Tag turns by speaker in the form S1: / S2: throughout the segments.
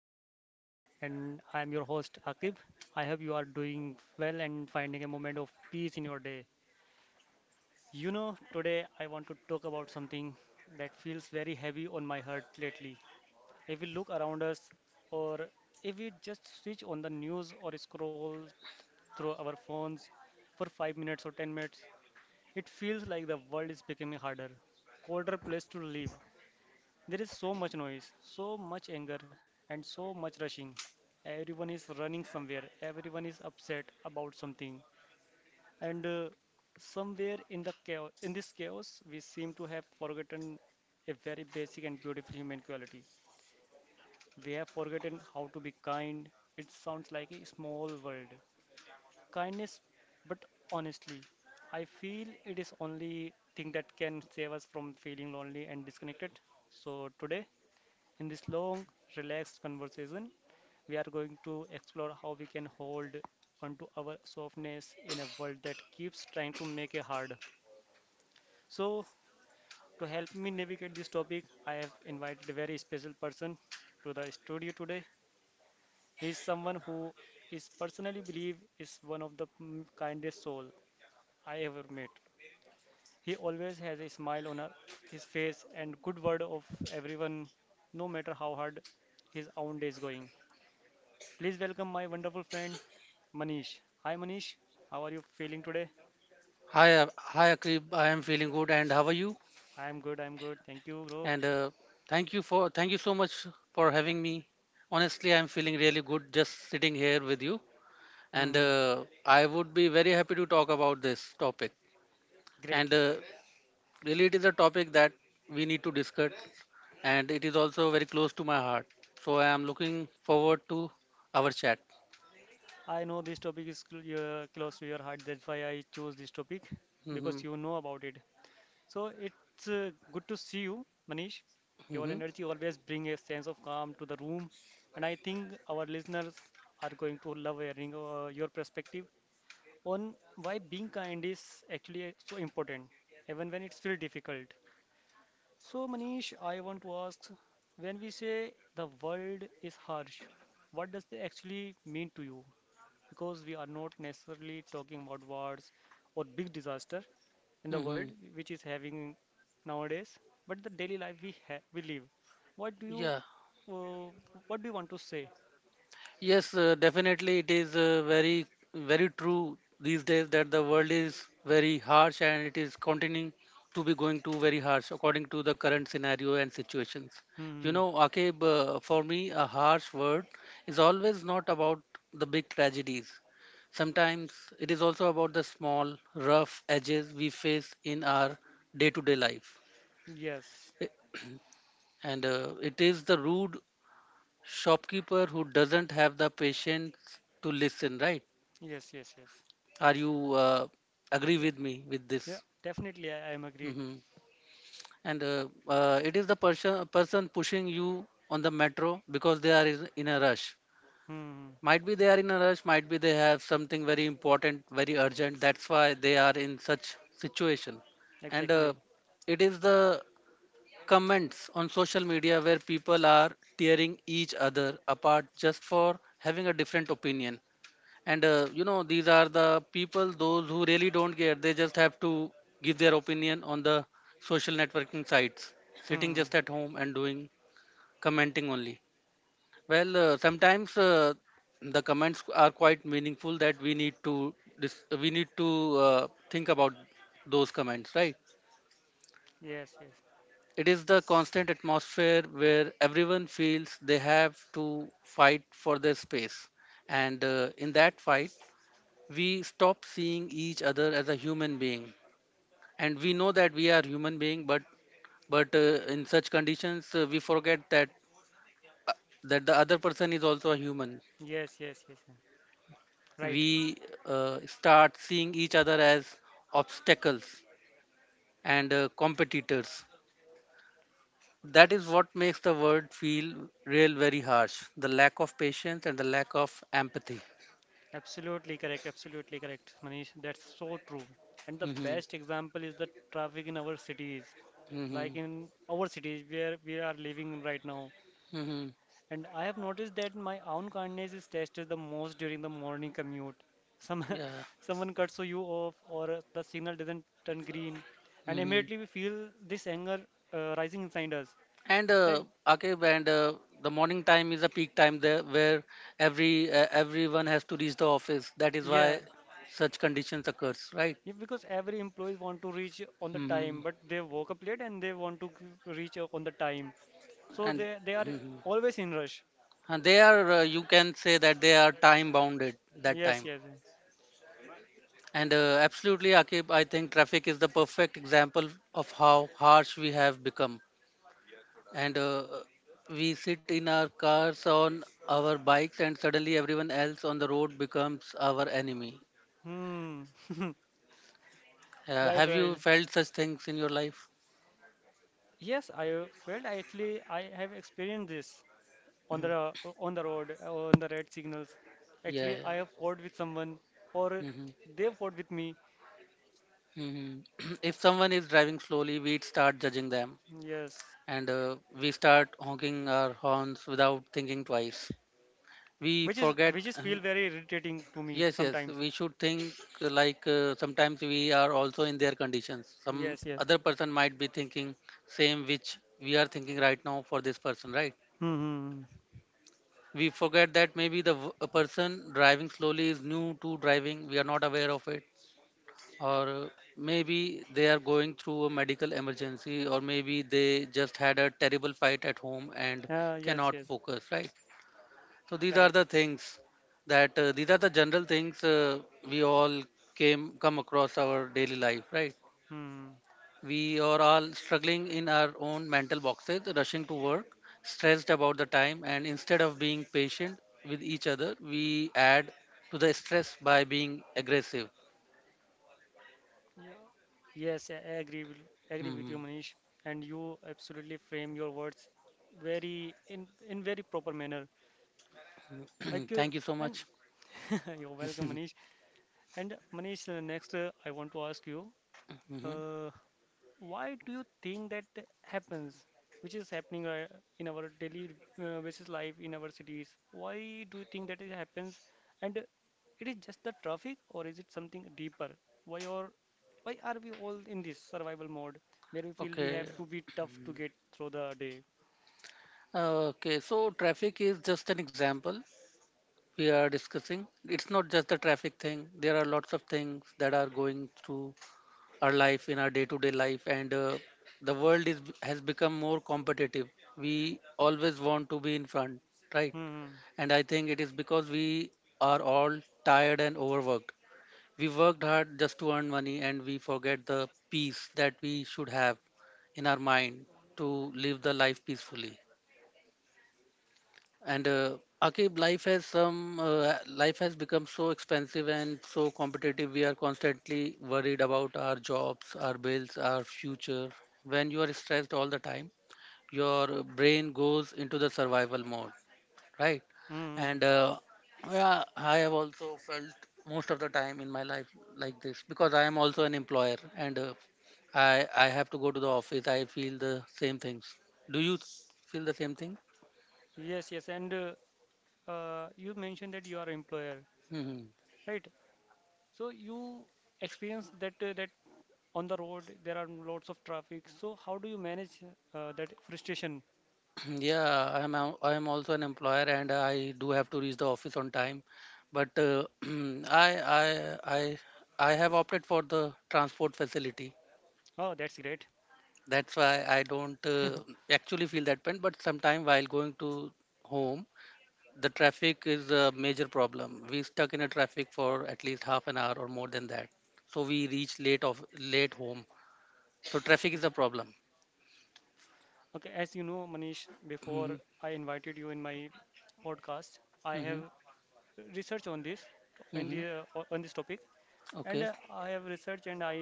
S1: Heartful Chat, and I am your host Akib. I hope you are doing well and finding a moment of peace in your day. You know, today I want to talk about something that feels very heavy on my heart lately. If we look around us, or if we just switch on the news or scroll through our phones for 5 minutes or 10 minutes, it feels like the world is becoming harder, colder place to live. There is so much noise, so much anger, and so much rushing. Everyone is running somewhere, everyone is upset about something, and somewhere in this chaos, we seem to have forgotten a very basic and beautiful human quality. We have forgotten how to be kind. It sounds like a small world. Kindness, but honestly, I feel it is only thing that can save us from feeling lonely and disconnected. So today, in this long, relaxed conversation, we are going to explore how we can hold onto our softness in a world that keeps trying to make it hard. So, to help me navigate this topic, I have invited a very special person to the studio today. He is someone who is personally believe is one of the kindest soul I ever met. He always has a smile on his face and good word of everyone, no matter how hard his own day is going. Please welcome my wonderful friend Manish. Hi Manish, how are you feeling today?
S2: Hi, Akrib. I am feeling good, and how are you?
S1: I am good, I am good. Thank you, bro.
S2: And thank you so much for having me. Honestly, I'm feeling really good just sitting here with you, and
S1: Hmm,
S2: uh, I would be very happy to talk about this topic.
S1: great.
S2: And really, it is a topic that we need to discuss, and it is also very close to my heart. So I am looking forward to our chat.
S1: I know this topic is cl close to your heart. That's why I chose this topic
S2: Hmm.
S1: because you know about it. So it's good to see you, Manish. Your
S2: Hmm.
S1: energy always bring a sense of calm to the room, and I think our listeners are going to love hearing your perspective on why being kind is actually so important, even when it's feel difficult. So, Manish, I want to ask, when we say the world is harsh, what does they actually mean to you? Because we are not necessarily talking about wars or big disaster in the
S2: Hmm.
S1: world, which is having nowadays, but the daily life we live. What do you,
S2: Yeah.
S1: uh, what do you want to say?
S2: Yes, definitely it is very true these days that the world is very harsh and it is continuing to be going to very harsh according to the current scenario and situations. You
S1: Hmm.
S2: know, Akib, for me, a harsh word is always not about the big tragedies. Sometimes it is also about the small, rough edges we face in our day-to-day life.
S1: Yes.
S2: I- And it is the rude shopkeeper who doesn't have the patience to listen, right?
S1: Yes. Yes. Yes.
S2: Are you agree
S1: Yeah.
S2: with me with
S1: Yeah.
S2: this?
S1: Definitely, I am agreed.
S2: Hmm. And it is the person pushing you on the metro because they are in a rush.
S1: Hmm.
S2: Might be they are in a rush. Might be they have something very important, very urgent. That's why they are in such situation. And
S1: Exactly.
S2: it is the comments on social media where people are tearing each other apart just for having a different opinion. And you know, these are the people those who really don't care. They just have to give their opinion on the social networking sites sitting
S1: Hmm.
S2: just at home and doing commenting only. Well, sometimes the comments are quite meaningful that we need to think about those comments, right?
S1: Yes. Yes.
S2: It is the constant atmosphere where everyone feels they have to fight for their space. And in that fight we stop seeing each other as a human being. And we know that we are human being, but in such conditions, we forget uh, that the other person is also a human.
S1: Yes. Yes. Yes. Yes. Right.
S2: We start seeing each other as obstacles and competitors. That is what makes the word feel real very harsh, the lack of patience and the lack of empathy.
S1: Absolutely correct. Absolutely correct, Manish. That's so true. And the
S2: Mm-hmm.
S1: best example is the traffic in our cities,
S2: Mm-hmm.
S1: like in our cities where we are living in right now.
S2: Mm-hmm.
S1: And I have noticed that my own kindness is tested the most during the morning commute. Some
S2: Yeah.
S1: someone cuts you off, or the signal doesn't turn green, and
S2: Mm-hmm.
S1: immediately we feel this anger rising inside us.
S2: And
S1: Right?
S2: Akib, and the morning time is a peak time there, where everyone has to reach the office. That is
S1: Yeah.
S2: why such conditions occurs, right?
S1: Yeah, because every employees want to reach on the
S2: Hmm.
S1: time, but they woke up late and they want to reach on the time. So
S2: And,
S1: they are
S2: mhm.
S1: always in rush.
S2: And they are you can say that they are time bounded that
S1: Yes,
S2: time.
S1: yes.
S2: And absolutely, Akib, I think traffic is the perfect example of how harsh we have become. And we sit in our cars on our bikes, and suddenly everyone else on the road becomes our enemy.
S1: Hmm.
S2: Yeah,
S1: Right,
S2: have you
S1: right.
S2: felt such things in your life?
S1: Yes, I felt actually I have experienced this on on the road, on the red signals.
S2: Yeah,
S1: Actually,
S2: yeah.
S1: I have fought with someone or
S2: Hmm.
S1: they fought with me.
S2: Hmm. If someone is driving slowly, we start judging them,
S1: Yes,
S2: and we start honking our horns without thinking twice. We
S1: which is
S2: forget.
S1: which is feel very irritating to me
S2: Yes, yes,
S1: sometimes.
S2: we should think, like, sometimes we are also in their conditions. Some
S1: Yes, yes.
S2: other person might be thinking same which we are thinking right now for this person, right?
S1: Hmm. Hmm, hmm.
S2: We forget that maybe a person driving slowly is new to driving. We are not aware of it, or maybe they are going through a medical emergency, or maybe they just had a terrible fight at home and
S1: Ah, yes,
S2: cannot
S1: yes.
S2: focus, right? So these are the
S1: Correct.
S2: things, that these are the general things, we all came come across our daily life, right?
S1: Hmm.
S2: We are all struggling in our own mental boxes, rushing to work, stressed about the time, and instead of being patient with each other, we add to the stress by being aggressive.
S1: Yeah. Yes, agree with
S2: Mhm.
S1: you, Manish. And you absolutely frame your words very in very proper manner. Like
S2: Thank you so
S1: and
S2: much.
S1: you're welcome, Manish. And Manish, next, I want to ask you.
S2: Mhm.
S1: uh, why do you think that happens, which is happening in our daily, basis life in our cities? Why do you think that it happens? And it is just the traffic, or is it something deeper? Why or why are we all in this survival mode where we feel we
S2: Okay.
S1: have to be tough to get through the day?
S2: Uh, Okay, so traffic is just an example we are discussing. It's not just the traffic thing. There are lots of things that are going through our life in our day-to-day life, and the world is has become more competitive. We always want to be in front, right?
S1: Hmm, hmm.
S2: And I think it is because we are all tired and overworked. We worked hard just to earn money, and we forget the peace that we should have in our mind to live the life peacefully. And Akib, life has become so expensive and so competitive. We are constantly worried about our jobs, our bills, our future. When you are stressed all the time, your brain goes into the survival mode, right?
S1: Hmm, hmm.
S2: And yeah, I have also felt most of the time in my life like this, because I am also an employer, and I have to go to the office. I feel the same things. Do you feel the same thing?
S1: Yes, yes. And you mentioned that you are employer,
S2: Hmm.
S1: right? So you experience that on the road there are lots of traffic. So how do you manage that frustration?
S2: Yeah, I am also an employer, and I do have to reach the office on time, but I I I I have opted for the transport facility.
S1: Oh, that's great.
S2: That's why I don't actually feel that pain. But sometime while going to home, the traffic is a major problem. We stuck in a traffic for at least half an hour or more than that. So we reach late of late home. So traffic is a problem.
S1: Okay, as you know, Manish, before
S2: Hmm.
S1: I invited you in my podcast, I
S2: Hmm.
S1: have research on this, in
S2: Hmm.
S1: the on this topic. And
S2: Okay.
S1: I have research and I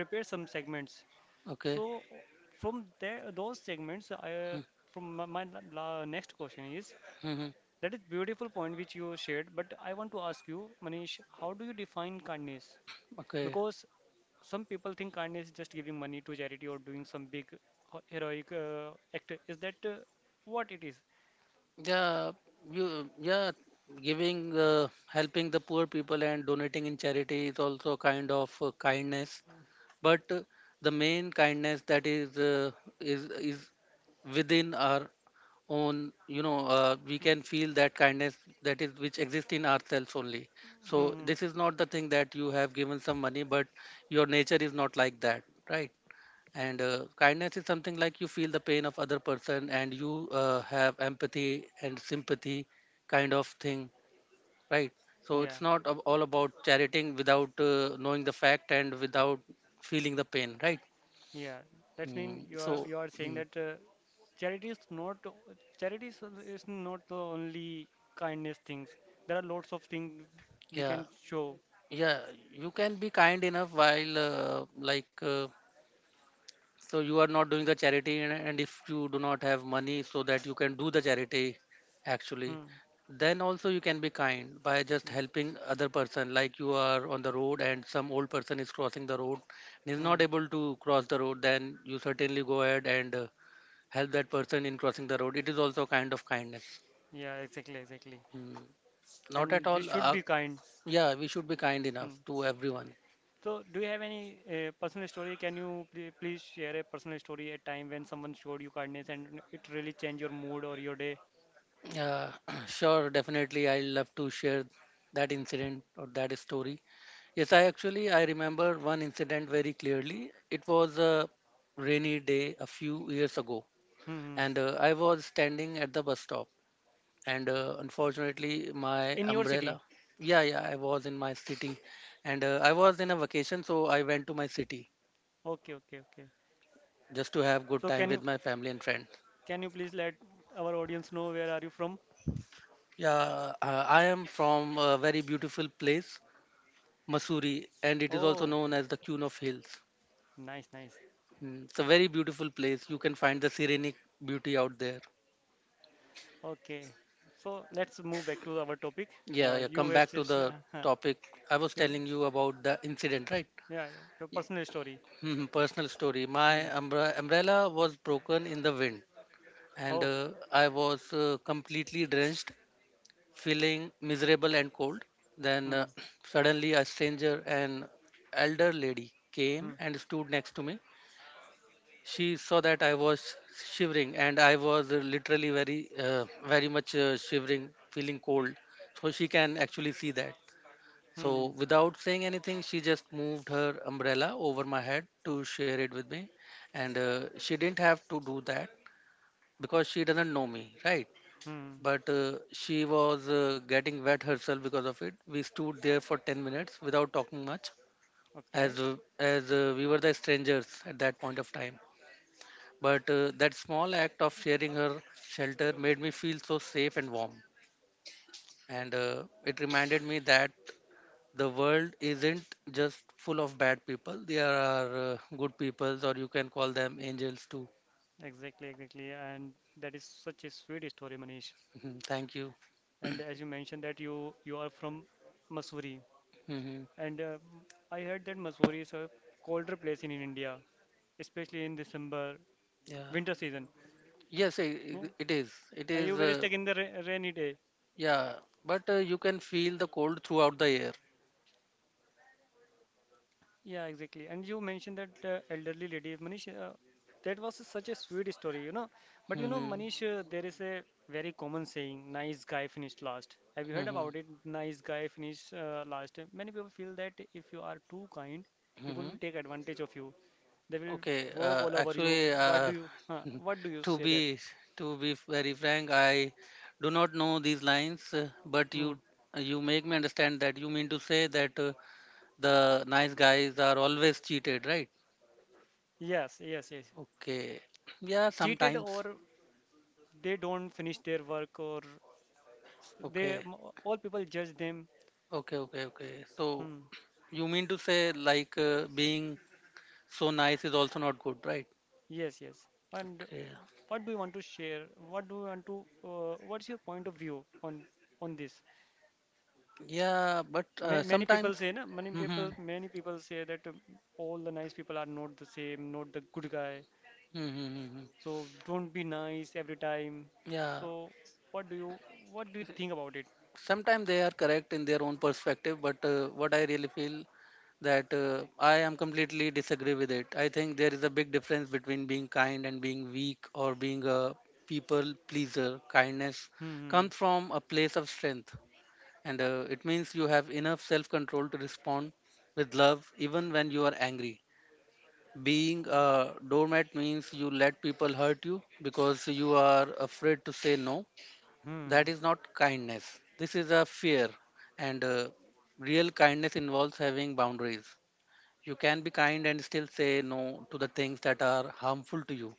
S1: prepare some segments.
S2: Okay.
S1: So from there, those segments, I from my, my next question is,
S2: Hmm.
S1: that is beautiful point which you shared, but I want to ask you, Manish, how do you define kindness?
S2: Okay.
S1: Because some people think kindness is just giving money to charity or doing some big heroic act. Is that what it is?
S2: Yeah. You. Yeah. Giving, helping the poor people and donating in charity is also kind of kindness. But the main kindness, that is is within our own, you know, we can feel that kindness, that is, which exists in ourselves only. So
S1: Mm-hmm.
S2: this is not the thing that you have given some money, but your nature is not like that, right? And kindness is something like you feel the pain of other person, and you have empathy and sympathy kind of thing, right? So
S1: Yeah,
S2: it's not ab- all about charioting without knowing the fact and without feeling the pain, right?
S1: yeah. That means you are
S2: So
S1: saying
S2: mm,
S1: that charity is not charity is not the only kindness things. There are lots of things we
S2: yeah,
S1: can show.
S2: yeah, you can be kind enough while like, so you are not doing the charity, and if you do not have money so that you can do the charity actually,
S1: Hmm.
S2: then also you can be kind by just
S1: Yeah.
S2: helping other person. Like, you are on the road and some old person is crossing the road and is
S1: Hmm.
S2: not able to cross the road, then you certainly go ahead and help that person in crossing the road. It is also kind of kindness.
S1: Yeah. Exactly. Exactly.
S2: Hmm. Not at
S1: And we
S2: all,
S1: should be kind.
S2: yeah, we should be kind enough
S1: Hmm.
S2: to everyone.
S1: So, do you have any personal story? Can you please share a personal story, a time when someone showed you kindness and it really changed your mood or your day?
S2: Yeah, sure, definitely. I love to share that incident or that story. Yes, I remember one incident very clearly. It was a rainy day a few years ago,
S1: Hmm.
S2: and I was standing at the bus stop, and unfortunately my
S1: In your city.
S2: umbrella. Yeah, yeah, I was in my city, and I was in a vacation, so I went to my city
S1: Okay, okay, okay.
S2: just to have good
S1: So,
S2: time
S1: can you
S2: with my family and friends.
S1: please let our audience know where are you from?
S2: Yeah, I am from a very beautiful place, Masuri, and it is also
S1: Oh,
S2: known as the Queen of Hills.
S1: nice, nice.
S2: Mm, it's a very beautiful place. You can find the serenic beauty out there.
S1: Okay. So, let's move back to our topic.
S2: Yeah, yeah.
S1: You
S2: Come
S1: were
S2: back to
S1: just,
S2: the topic. I was
S1: your
S2: telling you about the incident, right?
S1: yeah, your personal story.
S2: Mhm. Personal story. My
S1: Hmm.
S2: umbrella was broken in the wind, and
S1: Oh.
S2: uh, I was completely drenched, feeling miserable and cold. Then,
S1: Hmm.
S2: suddenly, a stranger, an elder lady, came
S1: Hmm.
S2: and stood next to me. She saw that I was shivering, and I was literally very, very much shivering, feeling cold. So she can actually see that.
S1: Hmm.
S2: So without saying anything, she just moved her umbrella over my head to share it with me, and she didn't have to do that, because she doesn't know me, right?
S1: Hmm.
S2: But she was getting wet herself because of it. We stood there for 10 minutes without talking much,
S1: Okay.
S2: as we were the strangers at that point of time, but that small act of sharing her shelter made me feel so safe and warm. And it reminded me that the world isn't just full of bad people; there are good people, or you can call them angels too.
S1: Exactly, exactly. And that is such a sweet story, Manish.
S2: Mhm. Thank you.
S1: And as you mentioned that you are from Mussoorie,
S2: Hmm.
S1: and I heard that Mussoorie is a colder place in India, especially in December,
S2: Yeah.
S1: winter season.
S2: Yes,
S1: Yeah.
S2: it is. It
S1: Are you
S2: is.
S1: very stuck in the ra rainy day?
S2: Yeah. But you can feel the cold throughout the air.
S1: Yeah, exactly. And you mentioned that elderly lady, Manish, that was such a sweet story, you know. But you know,
S2: Hmm.
S1: Manish, there is a very common saying, nice guy finished last. Have you heard
S2: Hmm.
S1: about it? Nice guy finished last. Many people feel that if you are too kind, people
S2: Hmm.
S1: will take advantage of you. They will
S2: Okay,
S1: work all over you.
S2: actually,
S1: What do you
S2: to
S1: say that?
S2: be to be very frank, I do not know these lines, but
S1: Hmm.
S2: you make me understand that you mean to say that the nice guys are always cheated, right?
S1: Yes, yes, yes.
S2: Okay, yeah,
S1: Cheated,
S2: sometimes.
S1: or they don't finish their work, or s- they
S2: Okay,
S1: m- all people judge them.
S2: okay, okay, okay. So
S1: Hmm.
S2: you mean to say, like, being so nice is also not good, right?
S1: Yes, yes. And
S2: Okay,
S1: what do you want to share? What do you want to? What's your point of view on this?
S2: yeah, but
S1: Ma Many people
S2: sometimes.
S1: say,
S2: Mm-hmm.
S1: many people say that all the nice people are not the same, not the good guy.
S2: Mm-hmm. Mm-hmm.
S1: So don't be nice every time.
S2: Yeah.
S1: So what do you think about it?
S2: Sometimes they are correct in their own perspective, but what I really feel that I am completely disagree with it. I think there is a big difference between being kind and being weak or being a people pleaser. Kindness
S1: Hmm.
S2: comes from a place of strength, and it means you have enough self control to respond with love even when you are angry. Being a doormat means you let people hurt you because you are afraid to say no. That
S1: Hmm.
S2: is not kindness. This is a fear. And Real kindness involves having boundaries. You can be kind and still say no to the things that are harmful to you.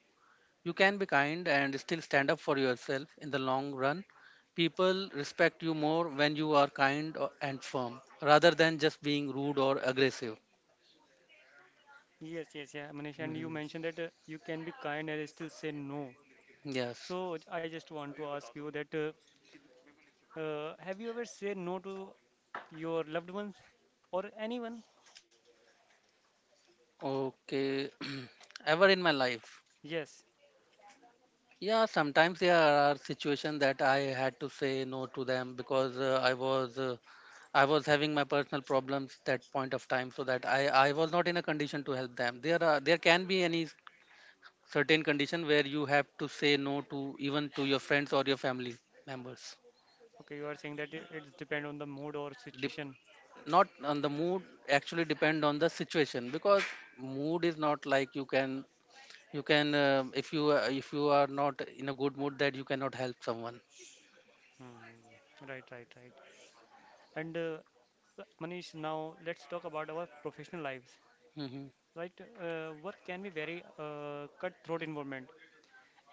S2: You can be kind and still stand up for yourself in the long run. People respect you more when you are kind and firm rather than just being rude or aggressive.
S1: Yes, yes, yeah, Manish. And you
S2: Mhm.
S1: mentioned that you can be kind and still say no.
S2: Yes.
S1: So I just want to ask you that have you ever said no to your loved ones or anyone?
S2: Okay. Ever in my life,
S1: Yes.
S2: yeah, sometimes there are situations that I had to say no to them because I was having my personal problems that point of time, so that I was not in a condition to help them. There can be any certain condition where you have to say no to even to your friends or your family members.
S1: Okay, you are saying that it's depend on the mood or
S2: Dep-
S1: situation.
S2: Not on the mood, actually depend on the situation because mood is not like you can if you are not in a good mood that you cannot help someone.
S1: Hmm. Right, right, right. And Manish, now let's talk about our professional lives.
S2: Hmm.
S1: Right, work can be very cutthroat environment.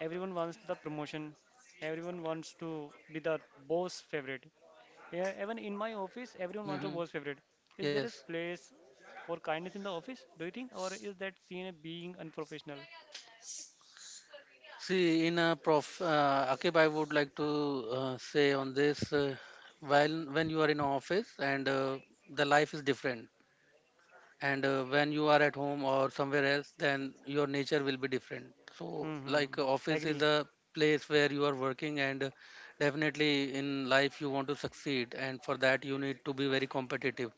S1: Everyone wants the promotion. Everyone wants to be the boss favorite. Yeah, even in my office, everyone wants to
S2: Hmm.
S1: boss favorite. Is there a
S2: Yes.
S1: place for kindness in the office, do you think, or is that seen as being unprofessional?
S2: See, Akib, I would like to say on this, while when you are in office, and the life is different, and when you are at home or somewhere else, then your nature will be different. So,
S1: Hmm. Hmm.
S2: like
S1: Hmm.
S2: office is
S1: Agree.
S2: a place where you are working, and definitely in life you want to succeed, and for that you need to be very competitive,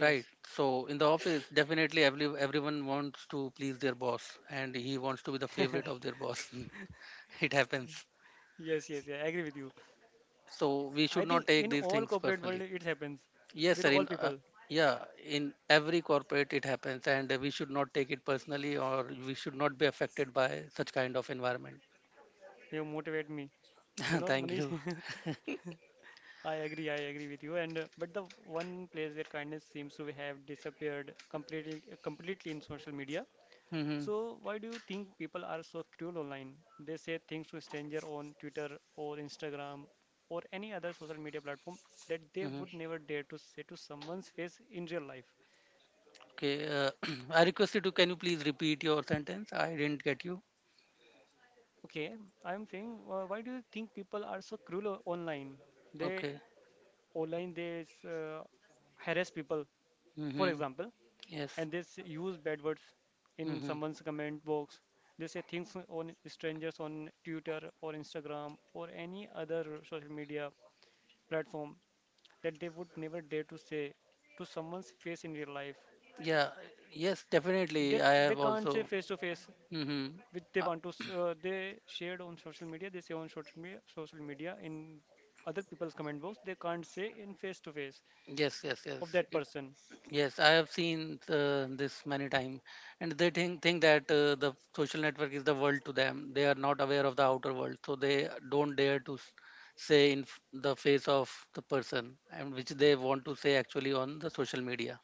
S2: right? So, in the office, definitely everyone wants to please their boss, and he wants to be the favorite of their boss. It happens.
S1: yes, yes, yeah, I agree with you.
S2: So we
S1: I
S2: should not
S1: think
S2: take
S1: in
S2: these
S1: all
S2: things
S1: corporate world
S2: personally.
S1: it happens
S2: Yes
S1: with
S2: sir
S1: all
S2: in
S1: people.
S2: Yeah, in every corporate it happens, and we should not take it personally or we should not be affected by such kind of environment.
S1: You motivate me, you know,
S2: Thank
S1: Manish.
S2: you.
S1: I agree with you. And but the one place where kindness seems to have disappeared completely, completely in social media.
S2: Hmm.
S1: So why do you think people are so cruel online? They say things to stranger on Twitter or Instagram or any other social media platform that they
S2: Hmm.
S1: would never dare to say to someone's face in real life.
S2: Okay, I request you, to can you please repeat your sentence? I didn't get you.
S1: Okay, I'm saying, why do you think people are so cruel online? They
S2: Okay.
S1: they harass people, for
S2: Hmm.
S1: example,
S2: Yes.
S1: and they use bad words in
S2: Hmm.
S1: someone's comment box. They say things on strangers on Twitter or Instagram or any other social media platform that they would never dare to say to someone's face in real life.
S2: Yeah, yes, definitely. I
S1: They
S2: have
S1: can't say
S2: also.
S1: face to face.
S2: Hmm.
S1: Which they
S2: Uh,
S1: want to they shared on social media, they say on social media, in other people's comment box, they can't say in face to face
S2: yes, yes, yes.
S1: of that person.
S2: Yes, I have seen this many times, and they think that the social network is the world to them. They are not aware of the outer world, so they don't dare to say in the face of the person, and which they want to say actually on the social media.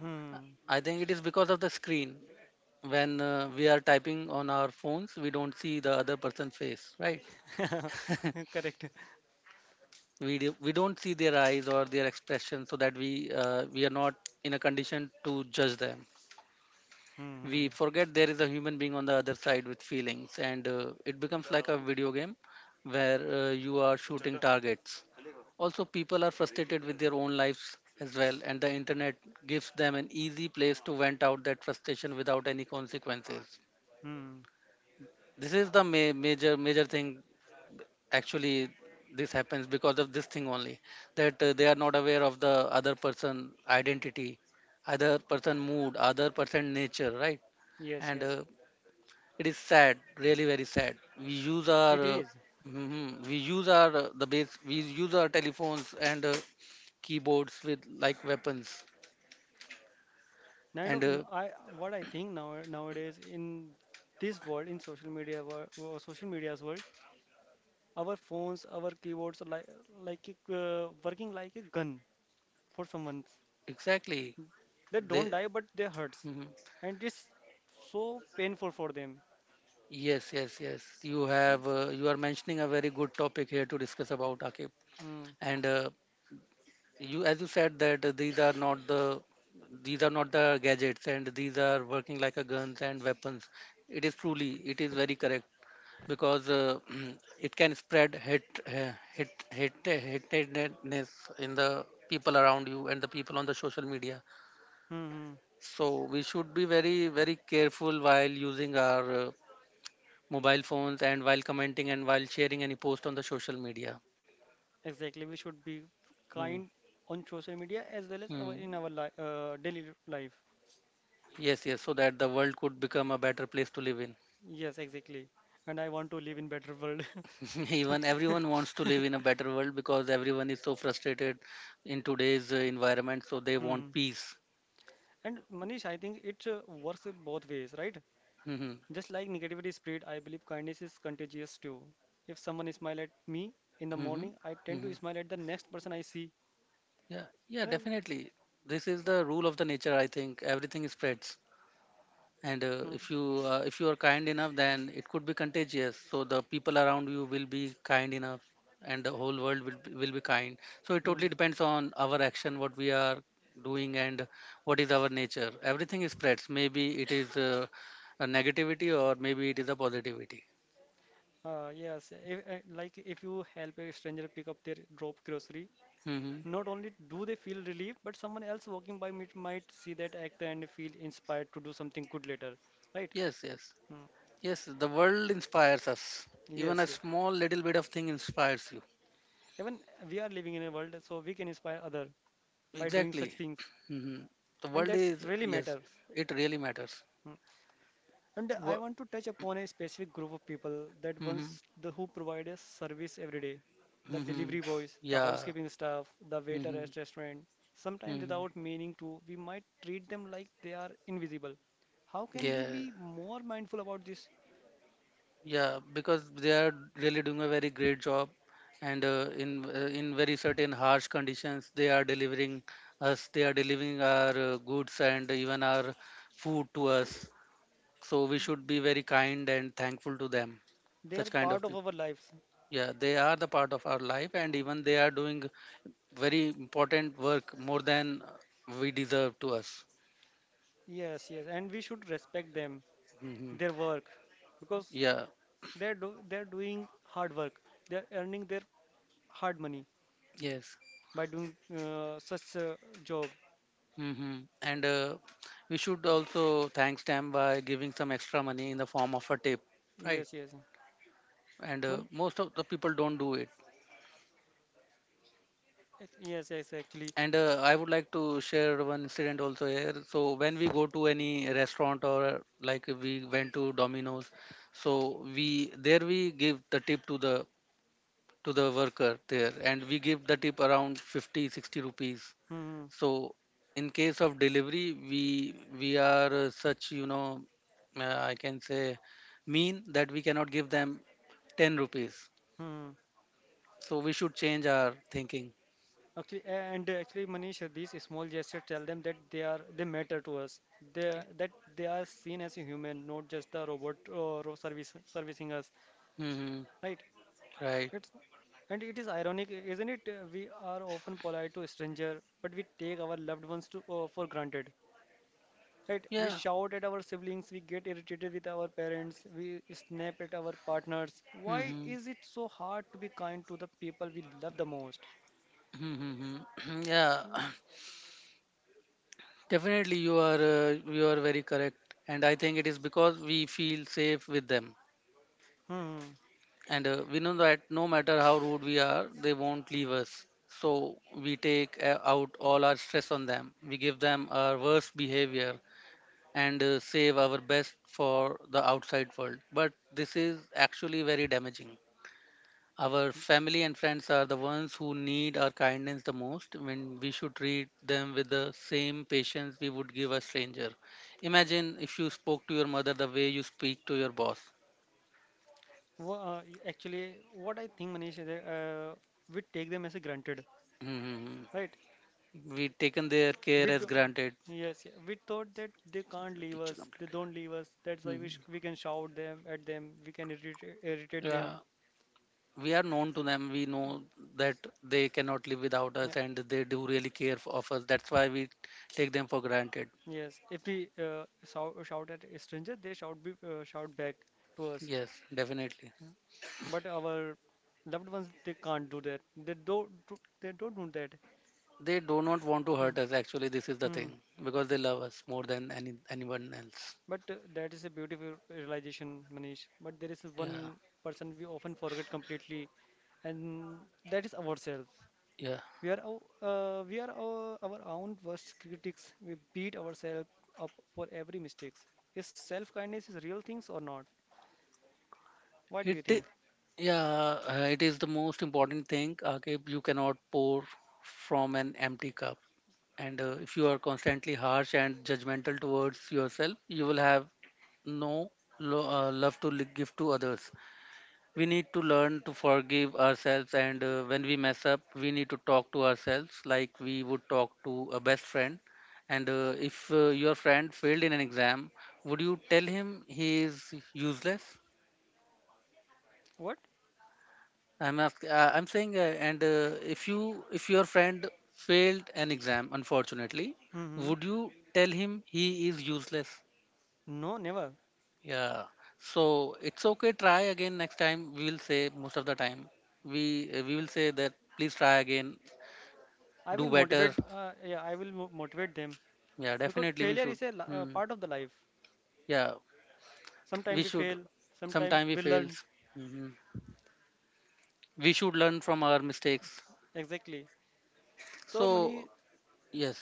S1: Hmm.
S2: I think it is because of the screen. When we are typing on our phones, we don't see the other person's face, right?
S1: Correct.
S2: We don't see their eyes or their expression, so that we are not in a condition to judge them.
S1: Hmm.
S2: We
S1: Hmm.
S2: forget there is a human being on the other side with feelings, and it becomes like a video game where you are shooting targets. Also, people are frustrated with their own lives as well, and the internet gives them an easy place to vent out that frustration without any consequences.
S1: Hmm.
S2: This is the major thing, actually. This happens because of this thing only, that they are not aware of the other person identity, other person mood, other person nature, right?
S1: Yes,
S2: and
S1: yes,
S2: It is sad, really very sad. We use our,
S1: it is.
S2: mhm, we use our the base, We use our telephones and keyboards with like weapons.
S1: Now you know,
S2: And
S1: n- I What I think now, nowadays in this world, in social media social media's world, our phones, our keyboards are like working like a gun for someone.
S2: exactly,
S1: They
S2: they.
S1: don't die but they hurts,
S2: Mhm.
S1: and it's so painful for them.
S2: Yes, yes, yes. You
S1: Right?
S2: have you are mentioning a very good topic here to discuss about, Akib.
S1: Mm,
S2: And you, as you said that these are not the, these are not the gadgets, and these are working like a guns and weapons. It is truly, it is very correct, because it can spread hate, hatedness in the people around you and the people on the social media.
S1: mm, mm.
S2: So we should be very, very careful while using our mobile phones and while commenting and while sharing any post on the social media.
S1: Exactly. We should be
S2: Hmm.
S1: kind on social media as well as our,
S2: Hmm.
S1: in our daily life.
S2: Yes, yes, so that the world could become a better place to live in.
S1: Yes, exactly. And I want to live in better world.
S2: Even everyone wants to live in a better world because everyone is so frustrated in today's environment, so they want
S1: Hmm.
S2: peace.
S1: And Manish, I think it works in both ways, right?
S2: Hmm.
S1: Just like negativity spread, I believe kindness is contagious too. If someone smile at me in the
S2: Hmm. Hmm.
S1: morning, I tend to
S2: Hmm.
S1: smile at the next person I see,
S2: Yeah, yeah,
S1: right?
S2: definitely. This is the rule of the nature. I think everything spreads, and
S1: Hmm.
S2: if you are kind enough, then it could be contagious. So the people around you will be kind enough, and the whole world will be kind. So it totally
S1: Hmm.
S2: depends on our action, what we are doing, and what is our nature. Everything spreads. Maybe it is a negativity, or maybe it is a positivity.
S1: Yes, if, like if you help a stranger pick up their drop grocery,
S2: Hmm.
S1: not only do they feel relief, but someone else walking by might see that act and feel inspired to do something good later, right?
S2: Yes, yes,
S1: Hmm.
S2: yes. The world inspires us. Even
S1: Yes,
S2: a
S1: yes.
S2: small little bit of thing inspires you.
S1: Even we are living in a world, so we can inspire other by doing such
S2: Exactly.
S1: things,
S2: Hmm. The
S1: and
S2: world
S1: that's
S2: is,
S1: really
S2: yes,
S1: matters.
S2: it really matters.
S1: Hmm. And I want to touch upon a specific group of people that
S2: Mm-hmm.
S1: once the who provide a service every day. The
S2: Hmm.
S1: delivery boys, the
S2: Yeah.
S1: housekeeping staff, the waiter
S2: Hmm.
S1: at restaurant. Sometimes
S2: Hmm.
S1: without meaning to, we might treat them like they are invisible. How can we
S2: Yeah.
S1: be more mindful about this?
S2: Yeah. Because they are really doing a very great job, and in very certain harsh conditions, they are delivering us. They are delivering our goods and even our food to us. So we should be very kind and thankful to them.
S1: They
S2: Such
S1: are
S2: kind
S1: part
S2: of
S1: of
S2: people.
S1: our lives.
S2: Yeah, they are the part of our life, and
S1: Hmm.
S2: even they are doing very important work more than we deserve to us.
S1: Yes, yes, and we should respect them,
S2: Hmm.
S1: their work, because
S2: Yeah.
S1: they're doing hard work. They're earning their hard money
S2: Yes.
S1: by doing such a job.
S2: Hmm. and We should also thank stamp by giving some extra money in the form of a tip, right?
S1: Yes, yes.
S2: and
S1: One,
S2: Most of the people don't do it.
S1: yes, yes, actually.
S2: And I would like to share one incident also here. So when we go to any restaurant, or like we went to Domino's, so we there we give the tip to the, to the worker there, and we give the tip around 50, 60 rupees.
S1: Hmm,
S2: So in case of delivery, we are such you know I can say mean that we cannot give them 10 rupees.
S1: hmm.
S2: So we should change our thinking.
S1: Actually, and actually, Manish, these small gestures tell them that they matter to us. They that they are seen as a human, not just the robot or ro- service servicing us,
S2: Hmm.
S1: right?
S2: Right.
S1: It's And it is ironic, isn't it? We are often polite to a stranger, but we take our loved ones to for granted. Right? We
S2: Yeah.
S1: shout at our siblings, we get irritated with our parents, we snap at our partners. Why
S2: Hmm.
S1: is it so hard to be kind to the people we love the most?
S2: Hmm. Yeah. Definitely, you are very correct, and I think it is because we feel safe with them,
S1: Hmm.
S2: and we know that no matter how rude we are, they won't leave us. So we take out all our stress on them. We give them our worst behavior, and save our best for the outside world. But this is actually very damaging. Our family and friends are the ones who need our kindness the most, when we should treat them with the same patience we would give a stranger. Imagine if you spoke to your mother the way you speak to your boss.
S1: Actually, what I think, Manish, is that we take them as a granted, right?
S2: We've taken their
S1: We
S2: care as
S1: do,
S2: granted.
S1: yes, yeah. We thought that they can't leave
S2: Picture
S1: us, they
S2: completed.
S1: don't leave us. That's why
S2: Mhm.
S1: we can shout them at them, we can irritate
S2: Yeah,
S1: them.
S2: we are known to them. We know that they cannot live without
S1: Yeah.
S2: us, and they do really care of us. That's why we take them for granted.
S1: Yes, if we shout at a stranger, they shout back to us.
S2: Yes, definitely.
S1: But our loved ones, they can't do that. They don't do that.
S2: They do not want to
S1: Hmm.
S2: hurt us. Actually, this is the
S1: Hmm.
S2: thing, because they love us more than anyone else.
S1: But that is a beautiful realization, Manish. But there is
S2: Yeah,
S1: one person we often forget completely, and that is ourselves.
S2: yeah.
S1: We are our, we are our own worst critics. We beat ourselves up for every mistakes. Is self-kindness is real things or not? What do you
S2: It, i-
S1: think?
S2: yeah, it is the most important thing. Okay, you cannot pour from an empty cup. And if you are constantly harsh and judgmental towards yourself, you will have no love to give to others. We need to learn to forgive ourselves, and when we mess up, we need to talk to ourselves like we would talk to a best friend. And if your friend failed in an exam, would you tell him he is useless?
S1: What?
S2: I'm saying, and if you, if your friend failed an exam, unfortunately,
S1: Mm-hmm.
S2: would you tell him he is useless?
S1: No, never.
S2: Yeah. So it's okay. Try again next time. We will say most of the time. We will say that please try again.
S1: I will
S2: Do better.
S1: motivate. Yeah, I will motivate them
S2: Yeah,
S1: because
S2: definitely we
S1: failure
S2: should.
S1: is a
S2: Hmm.
S1: part of the life.
S2: Yeah, we
S1: Sometimes we
S2: should.
S1: fail, sometimes
S2: Sometime we
S1: we learn.
S2: fails. Hmm. We should learn from our mistakes.
S1: Exactly. So, Manish,
S2: So yes.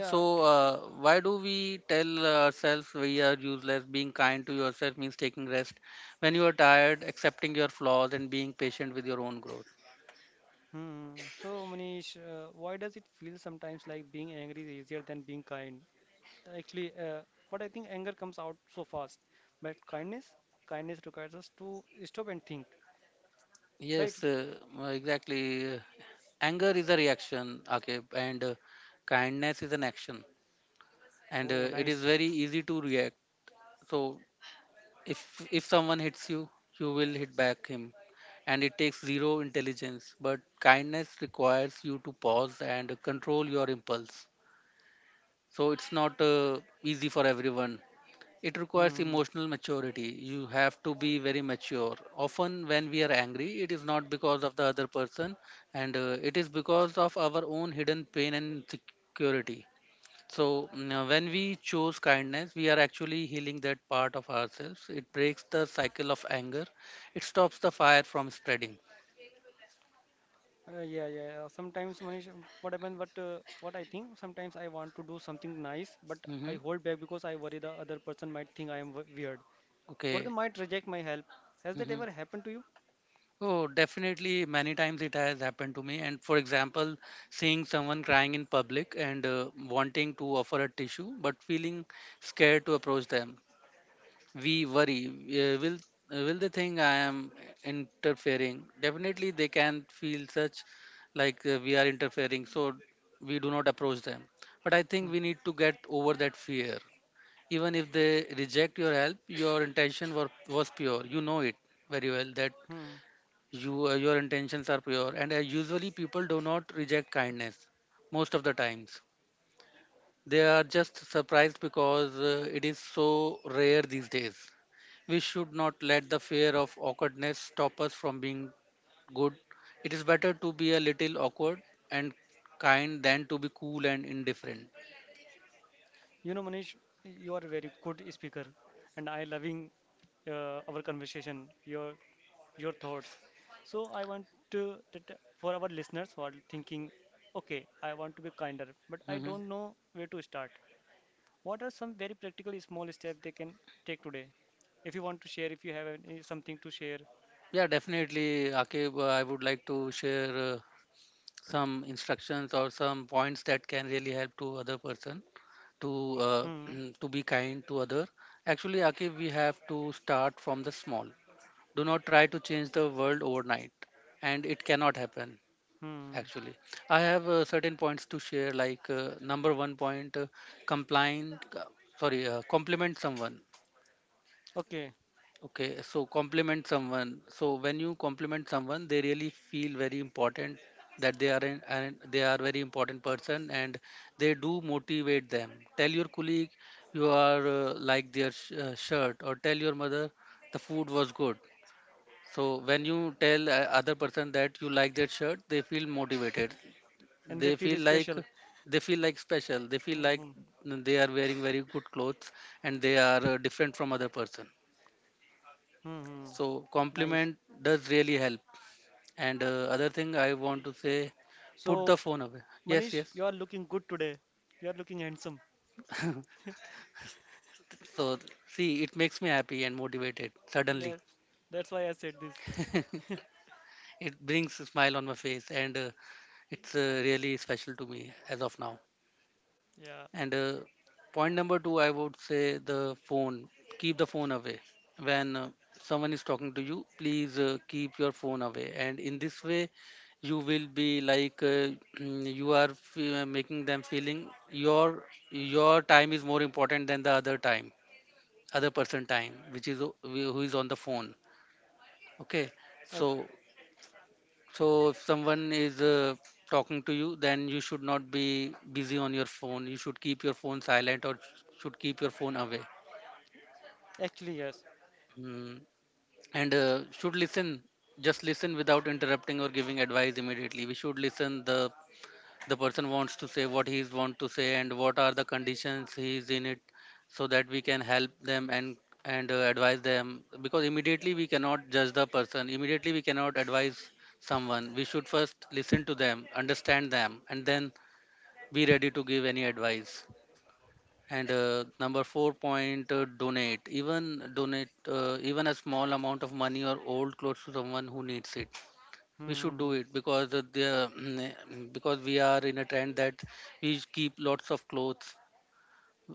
S2: So why do we tell ourselves we are useless? Being kind to yourself means taking rest when you are tired, accepting your flaws, and being patient with your own growth.
S1: Hmm. So, Manish, why does it feel sometimes like being angry is easier than being kind? Actually, but I think anger comes out so fast. But kindness, kindness requires us to stop and think, right?
S2: Yes, exactly. Anger is a reaction, okay, and kindness is an action, and
S1: Oh,
S2: it is
S1: nice.
S2: very easy to react. So if someone hits you, you will hit back him, and it takes zero intelligence. But kindness requires you to pause and control your impulse. So it's not easy for everyone. It
S1: Hmm, hmm,
S2: requires
S1: hmm.
S2: emotional maturity. You have to be very mature. Often, when we are angry, it is not because of the other person, and it is because of our own hidden pain and insecurity. So when we choose kindness, we are actually healing that part of ourselves. It breaks the cycle of anger, it stops the fire from spreading.
S1: Yeah. Sometimes, Manish, what happens? What I think? Sometimes I want to do something nice, but I
S2: Hmm.
S1: hold back because I worry the other person might think I am weird, or they
S2: Okay.
S1: might reject my help. Has that
S2: Mhm.
S1: ever happened to you?
S2: Oh, definitely. Many times it has happened to me. And for example, seeing someone crying in public and wanting to offer a tissue, but feeling scared to approach them. We worry. Will will they think I am interfering? Definitely, they can feel such, like we are interfering. So we do not approach them. But I think
S1: Hmm.
S2: we need to get over that fear. Even if they reject your help, your was pure. You know it very well that
S1: Hmm.
S2: your intentions are pure, and usually people do not reject kindness most of the times. They are just surprised, because it is so rare these days. We should not let the fear of awkwardness stop us from being good. It is better to be a little awkward and kind than to be cool and indifferent.
S1: You know, Manish, you are a very good speaker, and I loving our conversation, your thoughts. So I want to that for our listeners who are thinking, okay, I want to be kinder, but I
S2: Hmm.
S1: don't know where to start. What are some very practical small steps they can take today? If you want to share, if you have any, something to share.
S2: Yeah, definitely, Akib, I would like to share some instructions or some points that can really help to other person to uh,
S1: Hmm.
S2: to be kind to other. Actually, Akif, we have to start from the small. Do not try to change the world overnight, and it cannot happen.
S1: Hmm.
S2: Actually, I have certain points to share, like number one point, complying sorry compliment someone.
S1: Okay.
S2: Okay, so compliment someone. So when you compliment someone, they really feel very important, that they are very important person, and they do motivate them. Tell your colleague you are like their shirt, or tell your mother the food was good. So when you tell other person that you like their shirt, they feel motivated.
S1: And they
S2: They feel
S1: feel
S2: like,
S1: special.
S2: they feel special. They feel
S1: Hmm.
S2: like
S1: Hmm.
S2: they are wearing very good clothes and they are different from other person.
S1: Hmm, hmm.
S2: So
S1: Nice.
S2: compliment does really help. And other thing I want to say, put the
S1: So,
S2: phone away. Yes,
S1: Manish,
S2: yes.
S1: you are looking good today. You are looking handsome.
S2: So see, it makes me happy and motivated. Suddenly,
S1: Yes, that's why I said this.
S2: it brings a smile on my face, and it's really special to me as of now.
S1: Yeah.
S2: And point number two, I would say the phone. Keep the phone away. When someone is talking to you, please keep your phone away. And in this way, you will be like you are making them feeling your time is more important than the other time, other person time, which is who is on the phone. Okay,
S1: Okay.
S2: so so if someone is talking to you, then you should not be busy on your phone. You should keep your phone silent or should keep your phone away.
S1: Actually, yes.
S2: Mm. And should listen, just listen without interrupting or giving advice immediately. We should listen the person wants to say what he's want to say and what are the conditions he's in it, so that we can help them and advise them. Because immediately we cannot judge the person, immediately we cannot advise someone. We should first listen to them, understand them, and then be ready to give any advice. And number 4 point, donate even a small amount of money or old clothes to someone who needs it.
S1: Hmm,
S2: We should
S1: hmm,
S2: do
S1: hmm.
S2: it because of the because we are in a trend that we keep lots of clothes,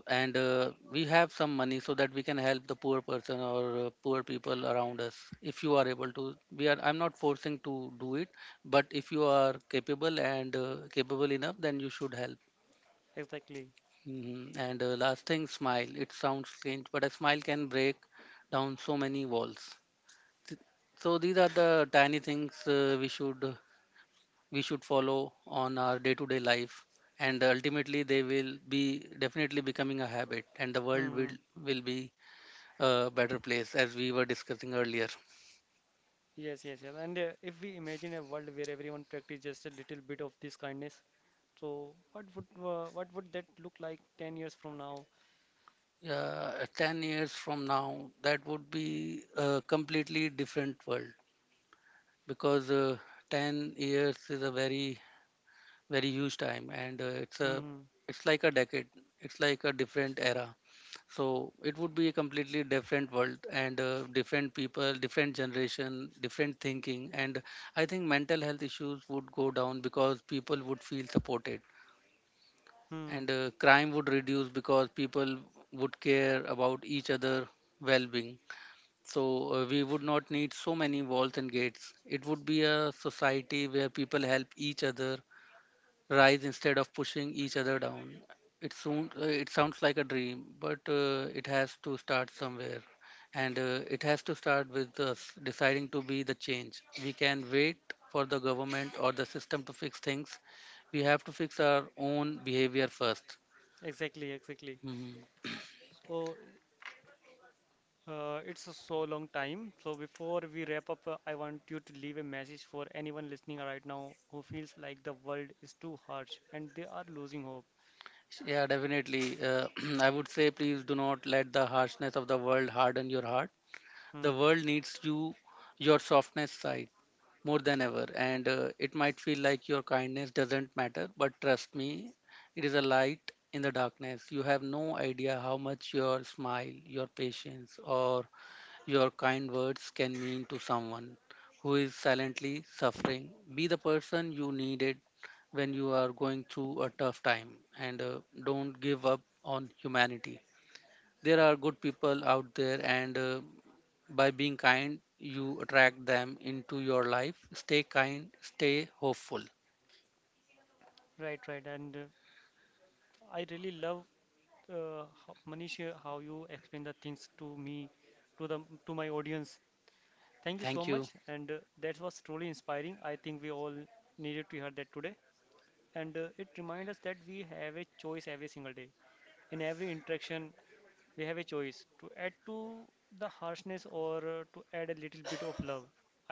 S2: and we have some money so that we can help the poor person or poor people around us. If you are able to, we are I'm not forcing to do it, but if you are capable and capable enough, then you should help.
S1: Exactly.
S2: Hmm. And last thing, smile. It sounds strange, but a smile can break down so many walls. Th- so these are the tiny things we should follow on our day to day life, and ultimately they will be definitely becoming a habit and the world
S1: Hmm, hmm.
S2: will be a better place, as we were discussing earlier.
S1: Yes, yes, yes. And if we imagine a world where everyone practice just a little bit of this kindness, so what would that look like 10 years from now?
S2: 10 years from now, that would be a completely different world, because 10 years is a very very huge time, and
S1: Hmm. Hmm.
S2: it's like a decade, it's like a different era. So it would be a completely different world, and different people, different generation, different thinking. And I think mental health issues would go down because people would feel supported,
S1: Hmm.
S2: and crime would reduce because people would care about each other well-being. So we would not need so many walls and gates. It would be a society where people help each other rise instead of pushing each other down. It sounds like a dream, but it has to start somewhere, and it has to start with us deciding to be the change. We can wait for the government or the system to fix things. We have to fix our own behavior 1st.
S1: Exactly, exactly.
S2: Hmm.
S1: So it's a so long time. So before we wrap up, I want you to leave a message for anyone listening right now who feels like the world is too harsh and they are losing hope.
S2: Yeah, definitely. I would say, please do not let the harshness of the world harden your heart. The
S1: Hmm.
S2: world needs you, your softness side, more than ever. And it might feel like your kindness doesn't matter, but trust me, it is a light in the darkness. You have no idea how much your smile, your patience, or your kind words can mean to someone who is silently suffering. Be the person you needed when you are going through a tough time. And don't give up on humanity. There are good people out there, and by being kind, you attract them into your life. Stay kind, stay hopeful.
S1: Right, right. And I really love Manish, how you explain the things to me, to the to my audience. Thank you so
S2: Thank you.
S1: much. And that was truly inspiring. I think we all needed to hear that today. And it reminds us that we have a choice every single day, in every interaction. We have a choice to add to the harshness or to add a little bit of love.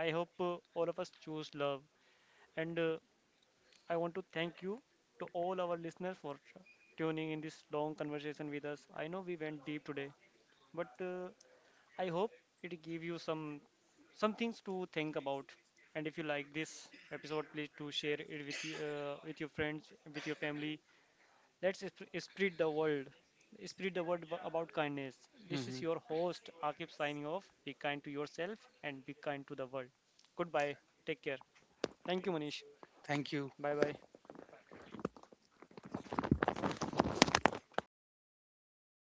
S1: I hope all of us choose love. And I want to thank you to all our listeners for tuning in this long conversation with us. I know we went deep today, but I hope it gave you some things to think about. And if you like this episode, please do share it with with your friends, with your family. Spread the world, spread the word about kindness. This is
S2: Mhm.
S1: your host, Akib, signing off. Be kind to yourself and be kind to the world. Goodbye. Take care. Thank you, Manish.
S2: Thank you.
S1: Bye bye.